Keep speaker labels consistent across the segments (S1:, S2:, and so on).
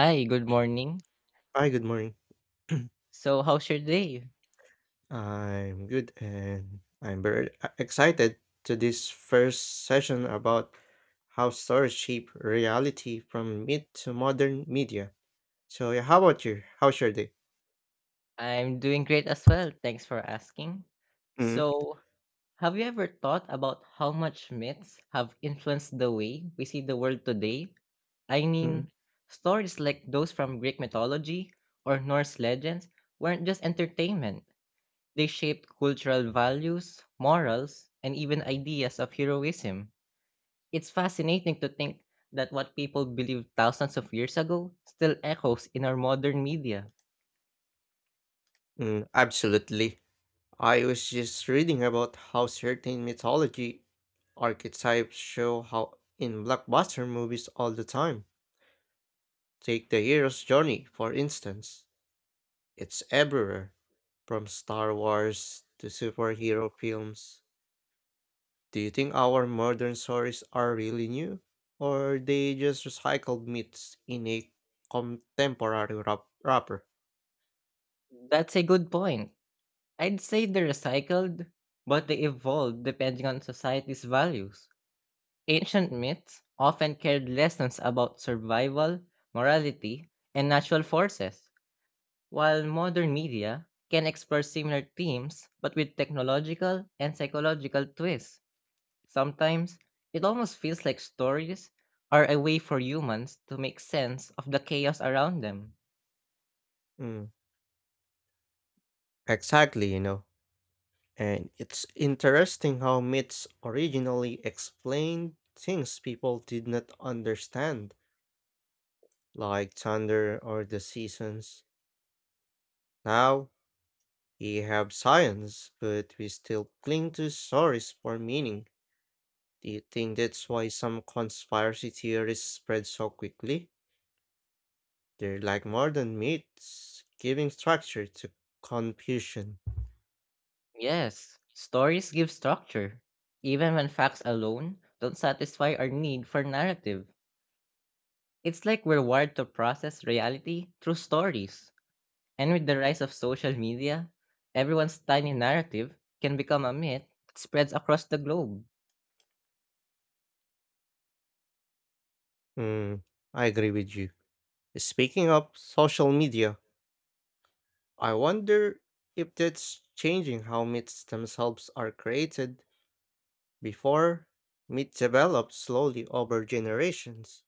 S1: Hi, good morning.
S2: Hi, good morning.
S1: So, how's your day?
S2: I'm good and I'm excited to this first session about how stories shape reality from myth to modern media. So, yeah, how about you? How's your day?
S1: I'm doing great as well. Thanks for asking.
S2: Mm,
S1: So, have you ever thought about how much myths have influenced the way we see the world today? I
S2: mm,
S1: mean, stories like those from Greek mythology or Norse legends weren't just entertainment, they shaped cultural values, morals, and even ideas of heroism. It's fascinating to think that what people believed thousands of years ago still echoes in our modern media.
S2: absolutely. I was just reading about how certain mythology archetypes show how in blockbuster movies all the time. Take the hero's journey, for instance. It's everywhere, from Star Wars to superhero films. Do you think our modern stories are really new? Or they just recycled myths in a wrapper?
S1: That's a good point. I'd say they recycled, but they evolved depending on society's values. Ancient myths often carried lessons about survival, morality, and natural forces, while modern media can explore similar themes but with technological and psychological twists. Sometimes, it almost feels like stories are a way for humans to make sense of the chaos around them.
S2: Mm, exactly, And it's interesting how myths originally explained things people did not understand, like thunder or the seasons. Now, we have science, but we still cling to stories for meaning. Do you think that's why some conspiracy theories spread so quickly? They're like modern myths, giving structure to confusion.
S1: Yes, stories give structure, even when facts alone don't satisfy our need for narrative. It's like we're wired to process reality through stories. And with the rise of social media, everyone's tiny narrative can become a myth that spreads across the globe.
S2: Hmm, I agree with you. Speaking of social media, I wonder if that's changing how myths themselves are created. Before, myths developed slowly over generations,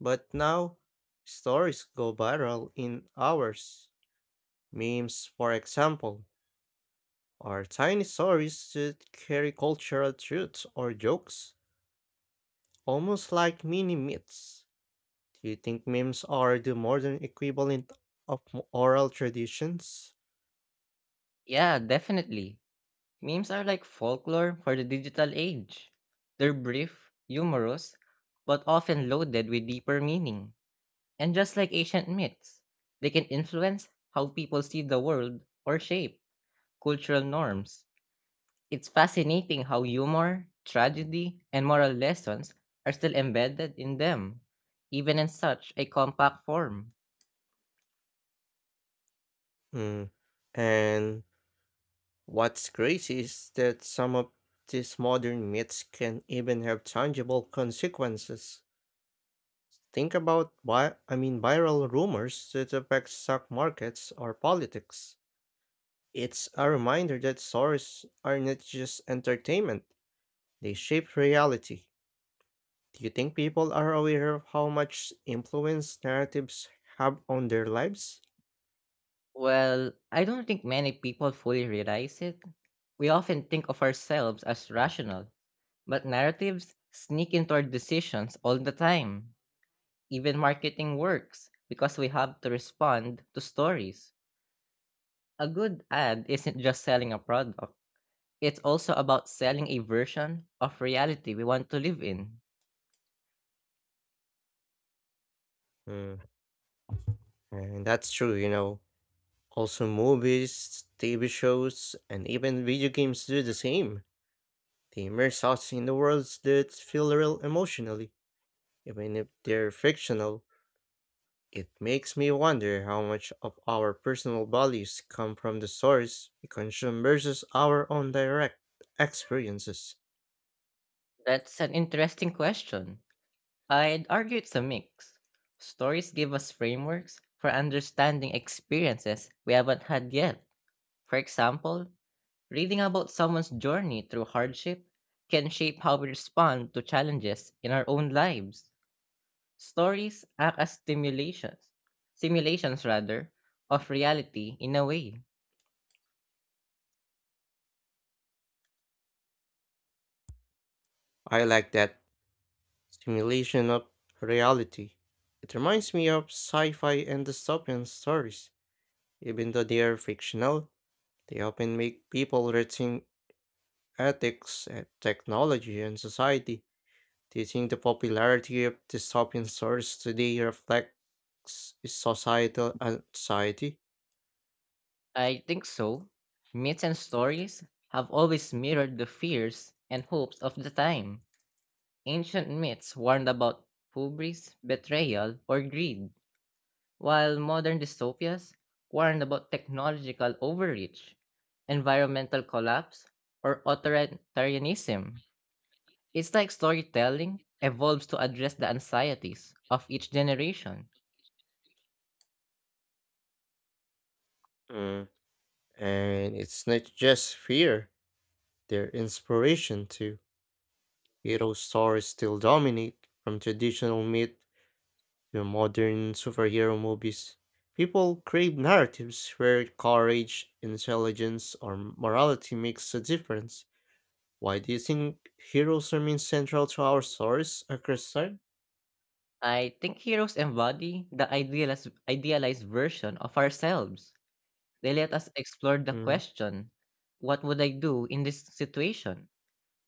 S2: but now stories go viral in hours. Memes, for example our tiny stories should carry cultural truths or jokes, almost like mini myths. Do you think memes are the modern equivalent of oral traditions?
S1: Yeah, definitely. Memes are like folklore for the digital age. They're brief, humorous, but often loaded with deeper meaning. And just like ancient myths, they can influence how people see the world or shape cultural norms. It's fascinating how humor, tragedy, and moral lessons are still embedded in them, even in such a compact form.
S2: Mm. And what's crazy is that some of these modern myths can even have tangible consequences. Think about viral rumors that affect stock markets or politics. It's a reminder that stories are not just entertainment. They shape reality. Do you think people are aware of how much influence narratives have on their lives?
S1: Well, I don't think many people fully realize it. We often think of ourselves as rational, but narratives sneak into our decisions all the time. Even marketing works because we have to respond to stories. A good ad isn't just selling a product, it's also about selling a version of reality we want to live in.
S2: Mm, and that's true. Also, movies, TV shows, and even video games do the same. The immerse thoughts in the worlds that feel real emotionally, even if they're fictional. It makes me wonder how much of our personal values come from the source we consume versus our own direct experiences.
S1: That's an interesting question. I'd argue it's a mix. Stories give us frameworks for understanding experiences we haven't had yet. For example, reading about someone's journey through hardship can shape how we respond to challenges in our own lives. Stories act as stimulations, simulations rather, of reality in a way.
S2: I like that simulation of reality. It reminds me of sci fi and dystopian stories. Even though they are fictional, they often make people rethink ethics, and technology, and society. Do you think the popularity of dystopian stories today reflects societal anxiety?
S1: I think so. Myths and stories have always mirrored the fears and hopes of the time. Ancient myths warned about hubris, betrayal, or greed, while modern dystopias warned about technological overreach, environmental collapse, or authoritarianism. It's like storytelling evolves to address the anxieties of each generation.
S2: Mm. And it's not just fear, they're inspiration too. Hero stories still dominate, from traditional myth to modern superhero movies. People crave narratives where courage, intelligence, or morality makes a difference. Why do you think heroes remain central to our stories across time?
S1: I think heroes embody the idealized version of ourselves. They let us explore the
S2: Mm,
S1: question, what would I do in this situation?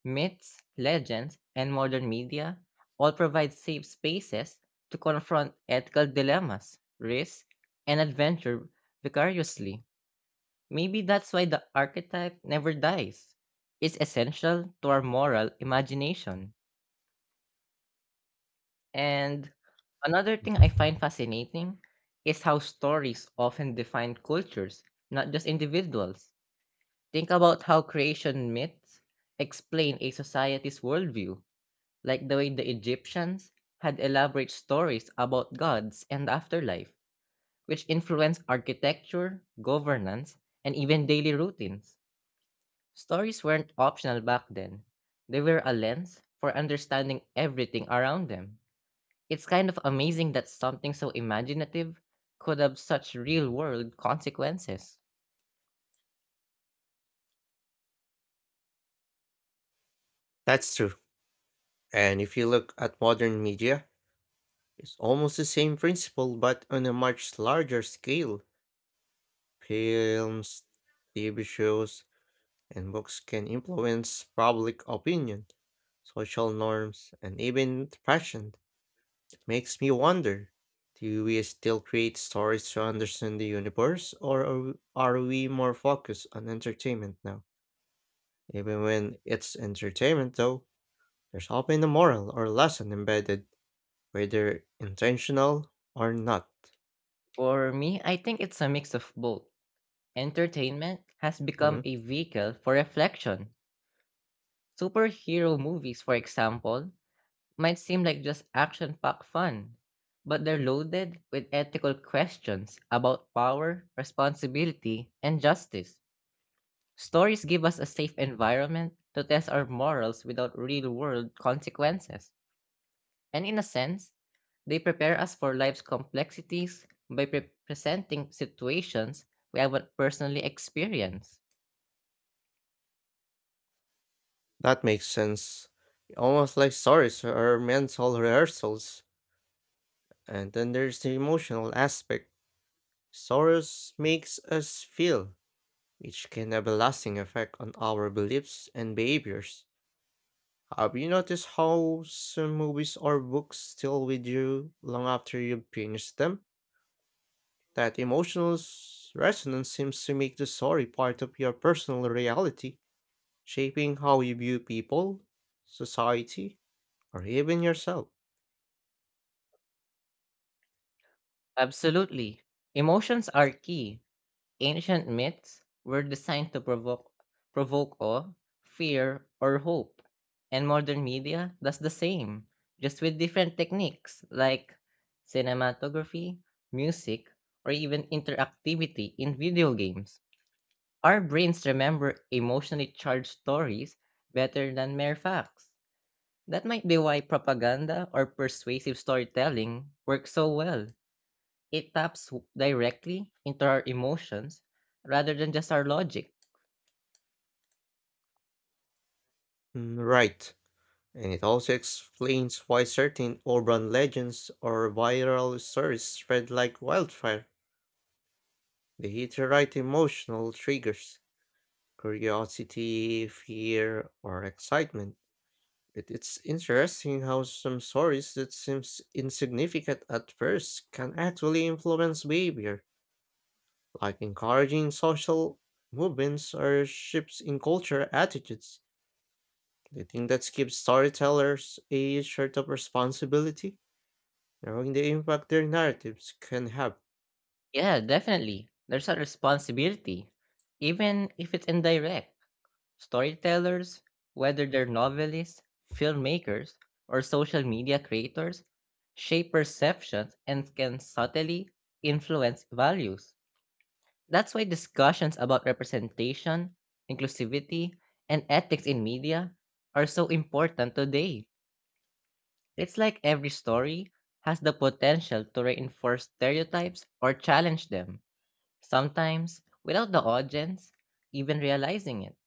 S1: Myths, legends, and modern media all provide safe spaces to confront ethical dilemmas, risk, and adventure vicariously. Maybe that's why the archetype never dies. It's essential to our moral imagination. And another thing I find fascinating is how stories often define cultures, not just individuals. Think about how creation myths explain a society's worldview, like the way the Egyptians had elaborate stories about gods and the afterlife, which influenced architecture, governance, and even daily routines. Stories weren't optional back then, they were a lens for understanding everything around them. It's kind of amazing that something so imaginative could have such real world consequences.
S2: That's true. And if you look at modern media, it's almost the same principle but on a much larger scale. Films, TV shows, and books can influence public opinion, social norms, and even fashion. It makes me wonder, do we still create stories to understand the universe, or are we more focused on entertainment now? Even when it's entertainment, though, there's often a moral or lesson embedded, whether intentional or not.
S1: For me, I think it's a mix of both. Entertainment has become
S2: Mm,
S1: a vehicle for reflection. Superhero movies, for example, might seem like just action packed fun, but they're loaded with ethical questions about power, responsibility, and justice. Stories give us a safe environment to test our morals without real world consequences. And in a sense, they prepare us for life's complexities by presenting situations we haven't personally experienced.
S2: That makes sense. Almost like stories are mental rehearsals. And then there's the emotional aspect. Stories makes us feel, which can have a lasting effect on our beliefs and behaviors. Have you noticed how some movies or books still with you long after you finish them? That emotional resonance seems to make the story part of your personal reality, shaping how you view people, society, or even yourself.
S1: Absolutely. Emotions are key. Ancient myths were designed to provoke awe, fear, or hope. And modern media does the same, just with different techniques like cinematography, music, or even interactivity in video games. Our brains remember emotionally charged stories better than mere facts. That might be why propaganda or persuasive storytelling works so well. It taps directly into our emotions rather than just our logic.
S2: Mm, right. And it also explains why certain urban legends or viral stories spread like wildfire. They hit the right emotional triggers: curiosity, fear, or excitement. It's interesting how some stories that seems insignificant at first can actually influence behavior, like encouraging social movements or shifts in culture attitudes. Do you think that gives storytellers a sort of responsibility, knowing the impact their narratives can have?
S1: Yeah, definitely. There's a responsibility, even if it's indirect. Storytellers, whether they're novelists, filmmakers, or social media creators, shape perceptions and can subtly influence values. That's why discussions about representation, inclusivity, and ethics in media are so important today. It's like every story has the potential to reinforce stereotypes or challenge them, sometimes without the audience even realizing it.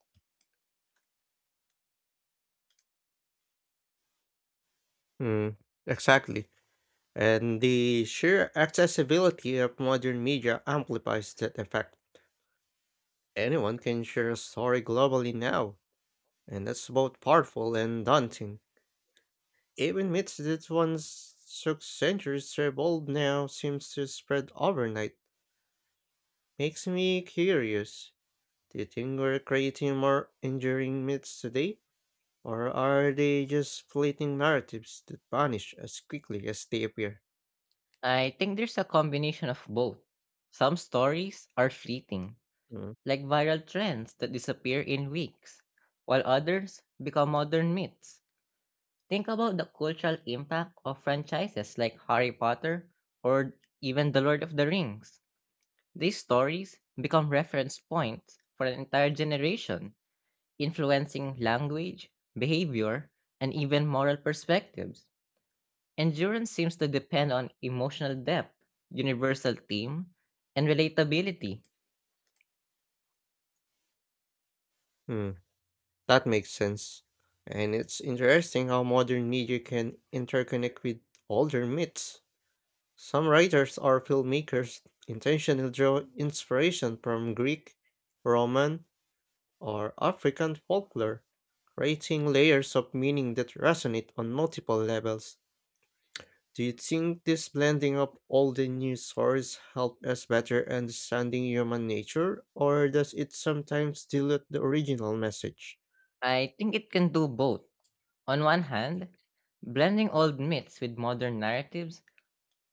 S2: Hmm, exactly. And the sheer accessibility of modern media amplifies that effect. Anyone can share a story globally now, and that's both powerful and daunting. Even myths that once took centuries to evolve now seems to spread overnight. Makes me curious. Do you think we're creating more enduring myths today? Or are they just fleeting narratives that vanish as quickly as they appear?
S1: I think there's a combination of both. Some stories are fleeting,
S2: Mm.
S1: like viral trends that disappear in weeks, while others become modern myths. Think about the cultural impact of franchises like Harry Potter or even The Lord of the Rings. These stories become reference points for an entire generation, influencing language, behavior, and even moral perspectives. Endurance seems to depend on emotional depth, universal theme, and relatability.
S2: Hmm, that makes sense. And it's interesting how modern media can interconnect with older myths. Some writers or filmmakers intentionally draw inspiration from Greek, Roman, or African folklore, creating layers of meaning that resonate on multiple levels. Do you think this blending of all the news sources help us better understanding human nature, or does it sometimes dilute the original message?
S1: I think it can do both. On one hand, blending old myths with modern narratives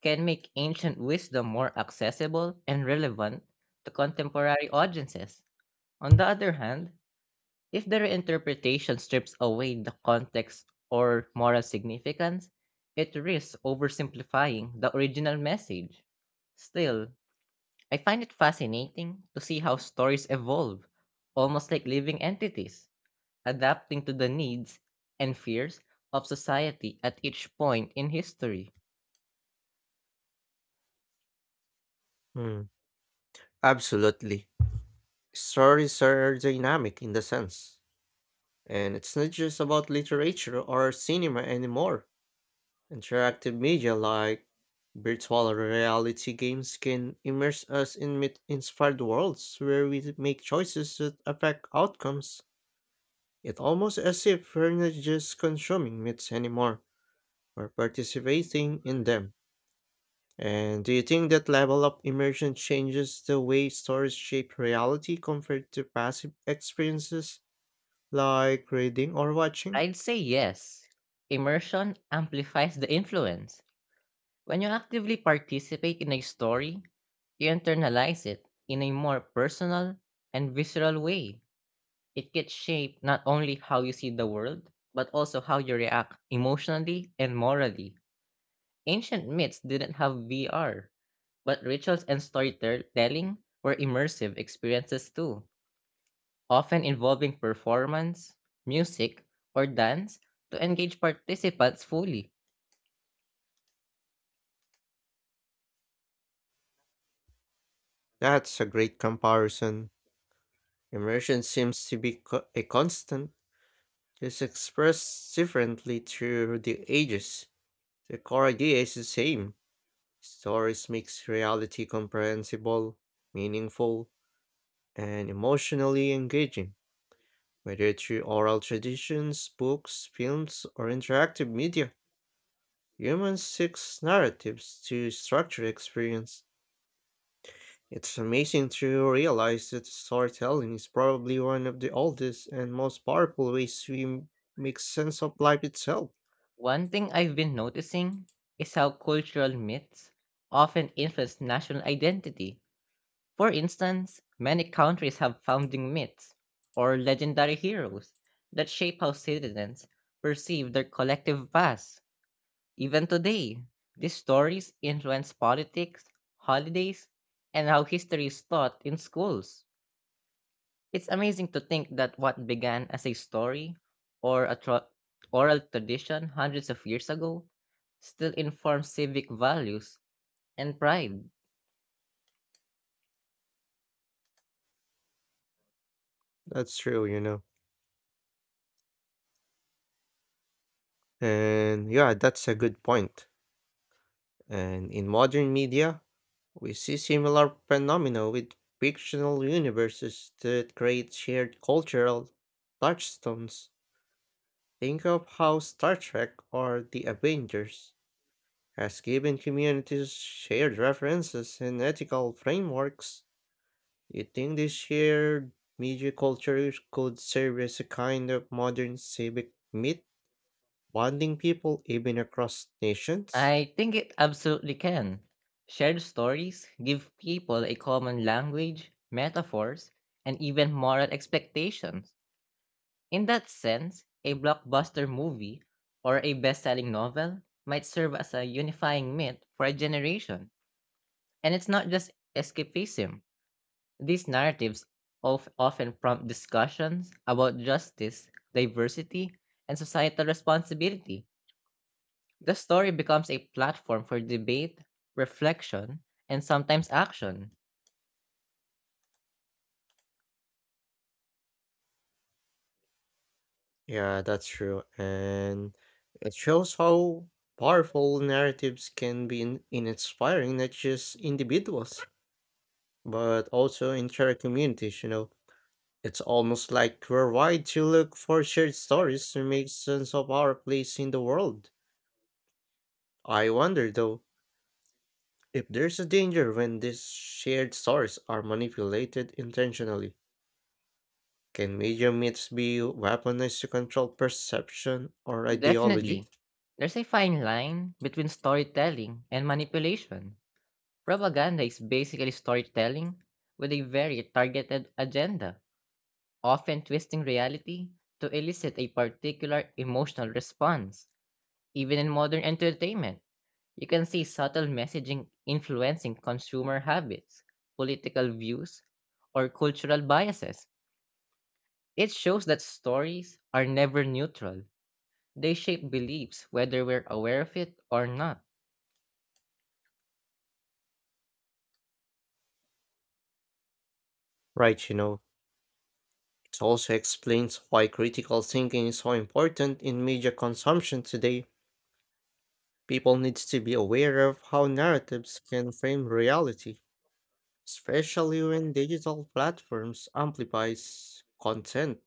S1: can make ancient wisdom more accessible and relevant to contemporary audiences. On the other hand, if the reinterpretation strips away the context or moral significance, it risks oversimplifying the original message. Still, I find it fascinating to see how stories evolve, almost like living entities, adapting to the needs and fears of society at each point in history.
S2: Hmm, absolutely. Stories are dynamic in the sense, and it's not just about literature or cinema anymore. Interactive media like virtual reality games can immerse us in myth inspired worlds where we make choices that affect outcomes. It's almost as if we're not just consuming myths anymore, we're participating in them. And do you think that level of immersion changes the way stories shape reality compared to passive experiences like reading or watching?
S1: I'd say yes. Immersion amplifies the influence. When you actively participate in a story, you internalize it in a more personal and visceral way. It gets shaped not only how you see the world, but also how you react emotionally and morally. Ancient myths didn't have VR, but rituals and storytelling were immersive experiences too, often involving performance, music, or dance to engage participants fully.
S2: That's a great comparison. Immersion seems to be a constant, just expressed differently through the ages. The core idea is the same. Stories makes reality comprehensible, meaningful, and emotionally engaging, whether through oral traditions, books, films, or interactive media. Humans seek narratives to structure experience. It's amazing to realize that storytelling is probably one of the oldest and most powerful ways we make sense of life itself.
S1: One thing I've been noticing is how cultural myths often influence national identity. For instance, many countries have founding myths or legendary heroes that shape how citizens perceive their collective past. Even today, these stories influence politics, holidays, and how history is taught in schools. It's amazing to think that what began as a story or a oral tradition hundreds of years ago still informs civic values and pride.
S2: That's true. And yeah, that's a good point. And in modern media, we see similar phenomena with fictional universes that create shared cultural touchstones. Think of how Star Trek or The Avengers has given communities shared references and ethical frameworks. You think this shared media culture could serve as a kind of modern civic myth, bonding people even across nations?
S1: I think it absolutely can. Shared stories give people a common language, metaphors, and even moral expectations. In that sense, a blockbuster movie or a best selling novel might serve as a unifying myth for a generation. And it's not just escapism. These narratives of often prompt discussions about justice, diversity, and societal responsibility. The story becomes a platform for debate, reflection, and sometimes action.
S2: Yeah, that's true. And it shows how powerful narratives can be in inspiring not just individuals, but also entire communities, It's almost like we're wide to look for shared stories to make sense of our place in the world. I wonder though, if there's a danger when these shared stories are manipulated intentionally. Can media myths be weaponized to control perception or ideology?
S1: Definitely, there's a fine line between storytelling and manipulation. Propaganda is basically storytelling with a very targeted agenda, often twisting reality to elicit a particular emotional response, even in modern entertainment. You can see subtle messaging influencing consumer habits, political views, or cultural biases. It shows that stories are never neutral. They shape beliefs whether we're aware of it or not.
S2: Right, it also explains why critical thinking is so important in media consumption today. People need to be aware of how narratives can frame reality, especially when digital platforms amplifies content,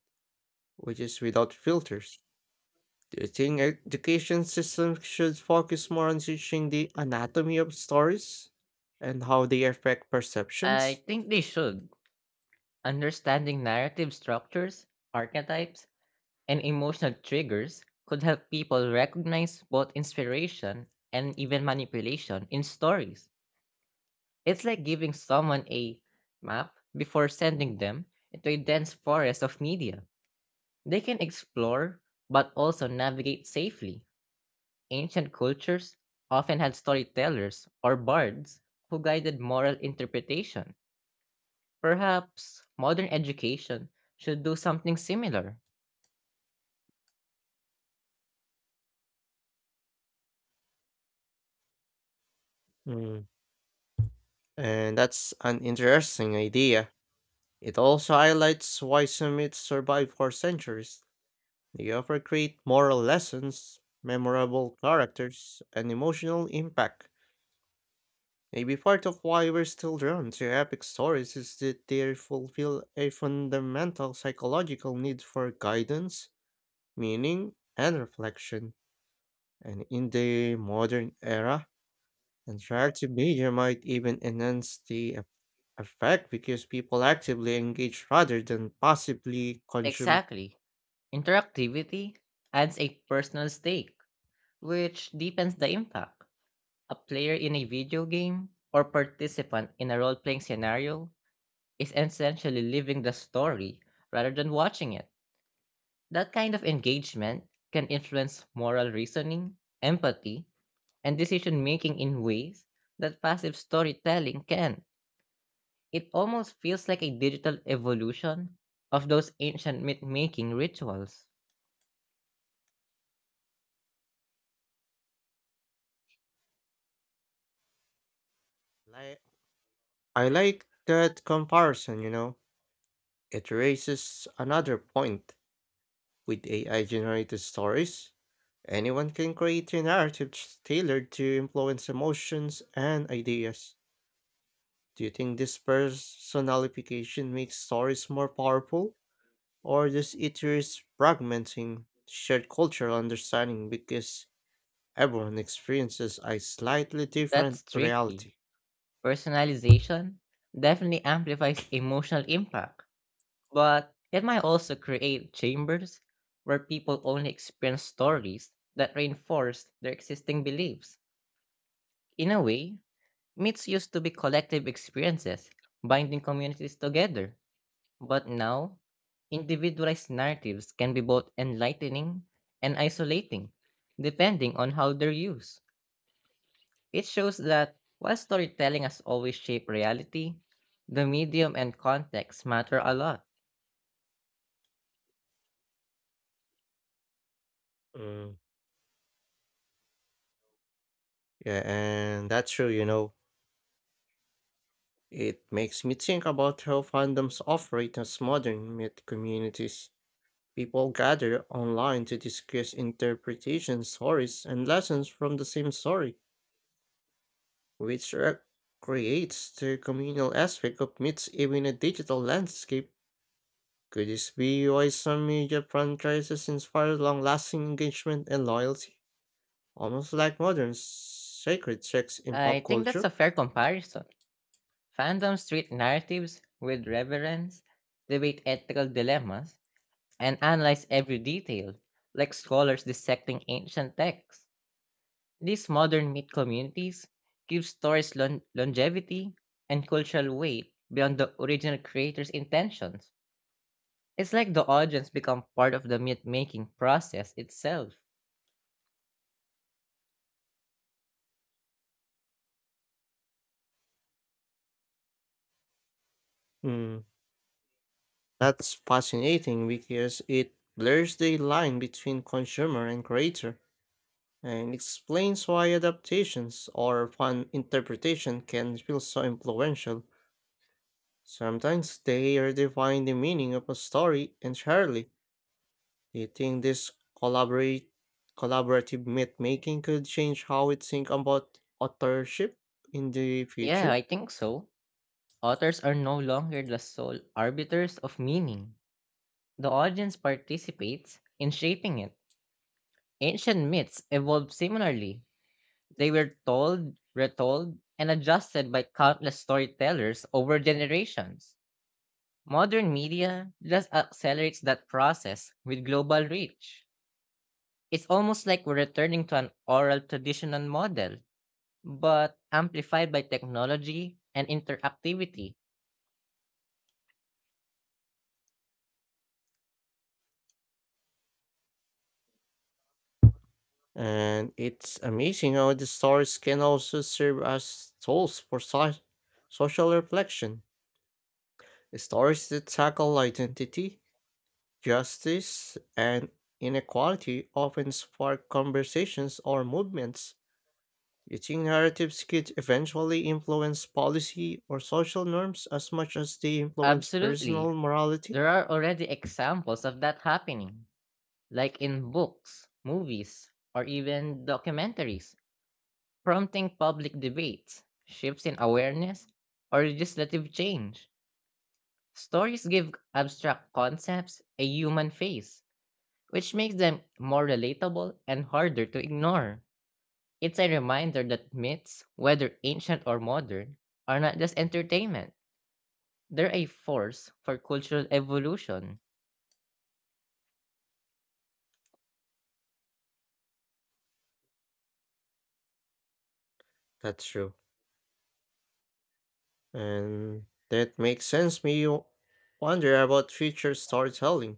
S2: which is without filters. Do you think education systems should focus more on teaching the anatomy of stories and how they affect perceptions?
S1: I think they should. Understanding narrative structures, archetypes, and emotional triggers could help people recognize both inspiration and even manipulation in stories. It's like giving someone a map before sending them into a dense forest of media. They can explore, but also navigate safely. Ancient cultures often had storytellers or bards who guided moral interpretation. Perhaps modern education should do something similar.
S2: Mm, And that's an interesting idea. It also highlights why some myths survive for centuries. They offer great moral lessons, memorable characters, and emotional impact. Maybe part of why we're still drawn to epic stories is that they fulfill a fundamental psychological need for guidance, meaning, and reflection. And in the modern era, interactive media might even enhance the effect because people actively engage rather than passively consume.
S1: Exactly. Interactivity adds a personal stake, which deepens the impact. A player in a video game or participant in a role playing scenario is essentially living the story rather than watching it. That kind of engagement can influence moral reasoning, empathy, and decision making in ways that passive storytelling can. It almost feels like a digital evolution of those ancient myth making rituals.
S2: Li- I like that comparison, It raises another point. With AI generated stories, anyone can create a narrative tailored to influence emotions and ideas. Do you think this personalification makes stories more powerful? Or does it risk fragmenting shared cultural understanding because everyone experiences a slightly different
S1: That's tricky.
S2: reality?
S1: Personalization definitely amplifies emotional impact. But it might also create chambers where people only experience stories that reinforce their existing beliefs. In a way, myths used to be collective experiences, binding communities together. But now, individualized narratives can be both enlightening and isolating, depending on how they're used. It shows that while storytelling has always shaped reality, the medium and context matter a lot.
S2: Mm, Yeah, and that's true. It makes me think about how fandoms operate as modern myth communities. People gather online to discuss interpretations, stories, and lessons from the same story, which creates the communal aspect of myths even in a digital landscape. Could this be why some media franchises inspire long-lasting engagement and loyalty, almost like modern sacred texts in
S1: I
S2: pop
S1: think that's a
S2: culture?
S1: fair comparison. Fandoms treat narratives with reverence, debate ethical dilemmas, and analyze every detail, like scholars dissecting ancient texts. These modern myth communities give stories longevity and cultural weight beyond the original creator's intentions. It's like the audience become part of the myth making process itself.
S2: Hmm. That's fascinating because it blurs the line between consumer and creator and explains why adaptations or fan interpretation can feel so influential. Sometimes they redefine the meaning of a story entirely. Do you think this collaborate, collaborative myth making could change how we think about authorship in the
S1: Yeah, I
S2: future?
S1: think so. Authors are no longer the sole arbiters of meaning. The audience participates in shaping it. Ancient myths evolved similarly. They were told, retold, and adjusted by countless storytellers over generations. Modern media just accelerates that process with global reach. It's almost like we're returning to an oral traditional model, but amplified by technology and interactivity.
S2: And it's amazing how the stories can also serve as tools for social reflection. Stories that tackle identity, justice, and inequality often spark conversations or movements. Do you think narratives could eventually influence policy or social norms as much as they influence
S1: Absolutely.
S2: personal morality?
S1: There are already examples of that happening, like in books, movies, or even documentaries prompting public debates, shifts in awareness, or legislative change. Stories give abstract concepts a human face, which makes them more relatable and harder to ignore. It's a reminder that myths, whether ancient or modern, are not just entertainment. They're a force for cultural evolution.
S2: That's true. And that makes sense. Me wonder about future storytelling.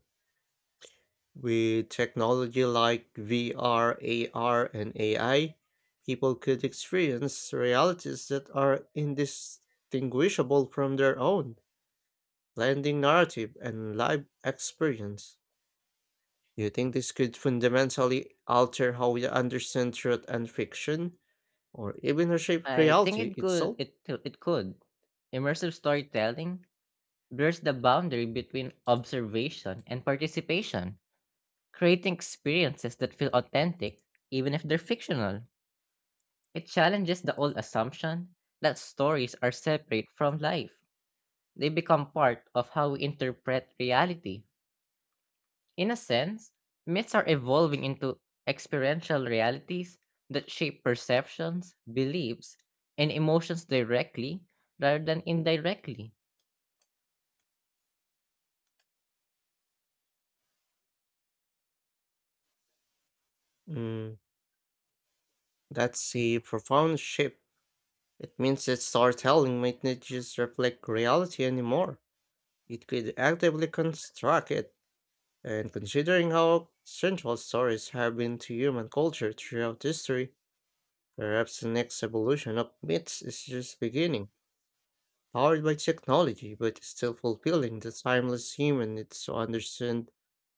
S2: With technology like VR, AR, and AI, people could experience realities that are indistinguishable from their own, blending narrative and live experience. Do you think this could fundamentally alter how we understand truth and fiction, or even reshape
S1: I think
S2: reality
S1: it could
S2: itself?
S1: it, it could. Immersive storytelling blurs the boundary between observation and participation, creating experiences that feel authentic, even if they're fictional. It challenges the old assumption that stories are separate from life. They become part of how we interpret reality. In a sense, myths are evolving into experiential realities that shape perceptions, beliefs, and emotions directly rather than indirectly.
S2: Mm, that's a profound shift. It means that storytelling might not just reflect reality anymore. It could actively construct it. And considering how central stories have been to human culture throughout history, perhaps the next evolution of myths is just beginning, powered by technology but still fulfilling the timeless human needs to understand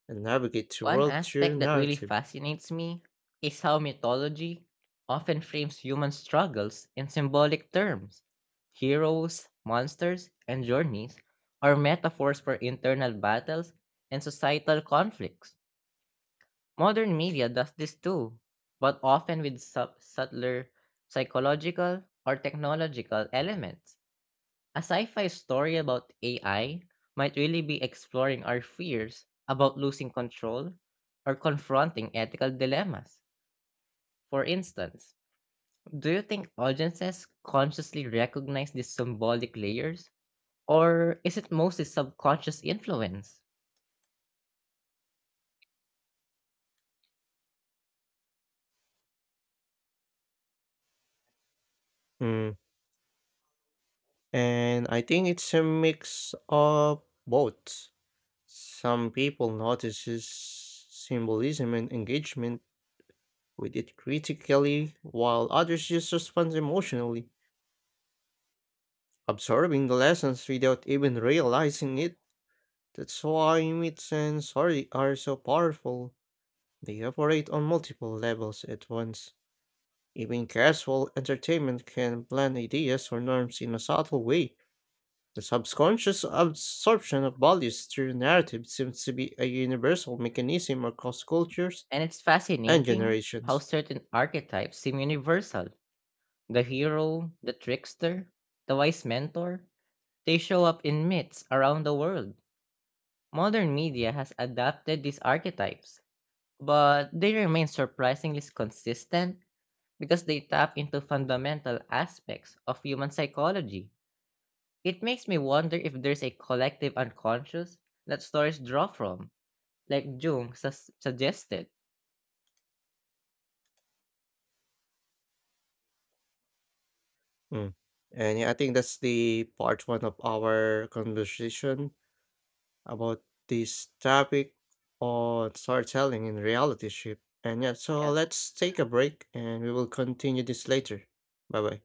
S2: and navigate the
S1: One
S2: world through
S1: aspect that really
S2: narrative.
S1: fascinates me is how mythology often frames human struggles in symbolic terms. Heroes, monsters, and journeys are metaphors for internal battles and societal conflicts. Modern media does this too, but often with subtler psychological or technological elements. A sci fi story about AI might really be exploring our fears about losing control or confronting ethical dilemmas. For instance, do you think audiences consciously recognize these symbolic layers, or is it mostly subconscious influence?
S2: Mm. And I think it's a mix of both. Some people notices symbolism and engagement with it critically, while others just respond emotionally, absorbing the lessons without even realizing it. That's why myths and story are so powerful. They operate on multiple levels at once. Even casual entertainment can plant ideas or norms in a subtle way. The subconscious absorption of values through narrative seems to be a universal mechanism across cultures
S1: And it's
S2: and
S1: fascinating how
S2: generations.
S1: certain archetypes seem universal, the hero, the trickster, the wise mentor, they show up in myths around the world. Modern media has adapted these archetypes, but they remain surprisingly consistent because they tap into fundamental aspects of human psychology. It makes me wonder if there's a collective unconscious that stories draw from, like Jung suggested.
S2: Mm. And yeah, I think that's the part one of our conversation about this topic on storytelling in reality ship. And yeah, so
S1: Yeah.
S2: let's take a break and we will continue this later. Bye bye.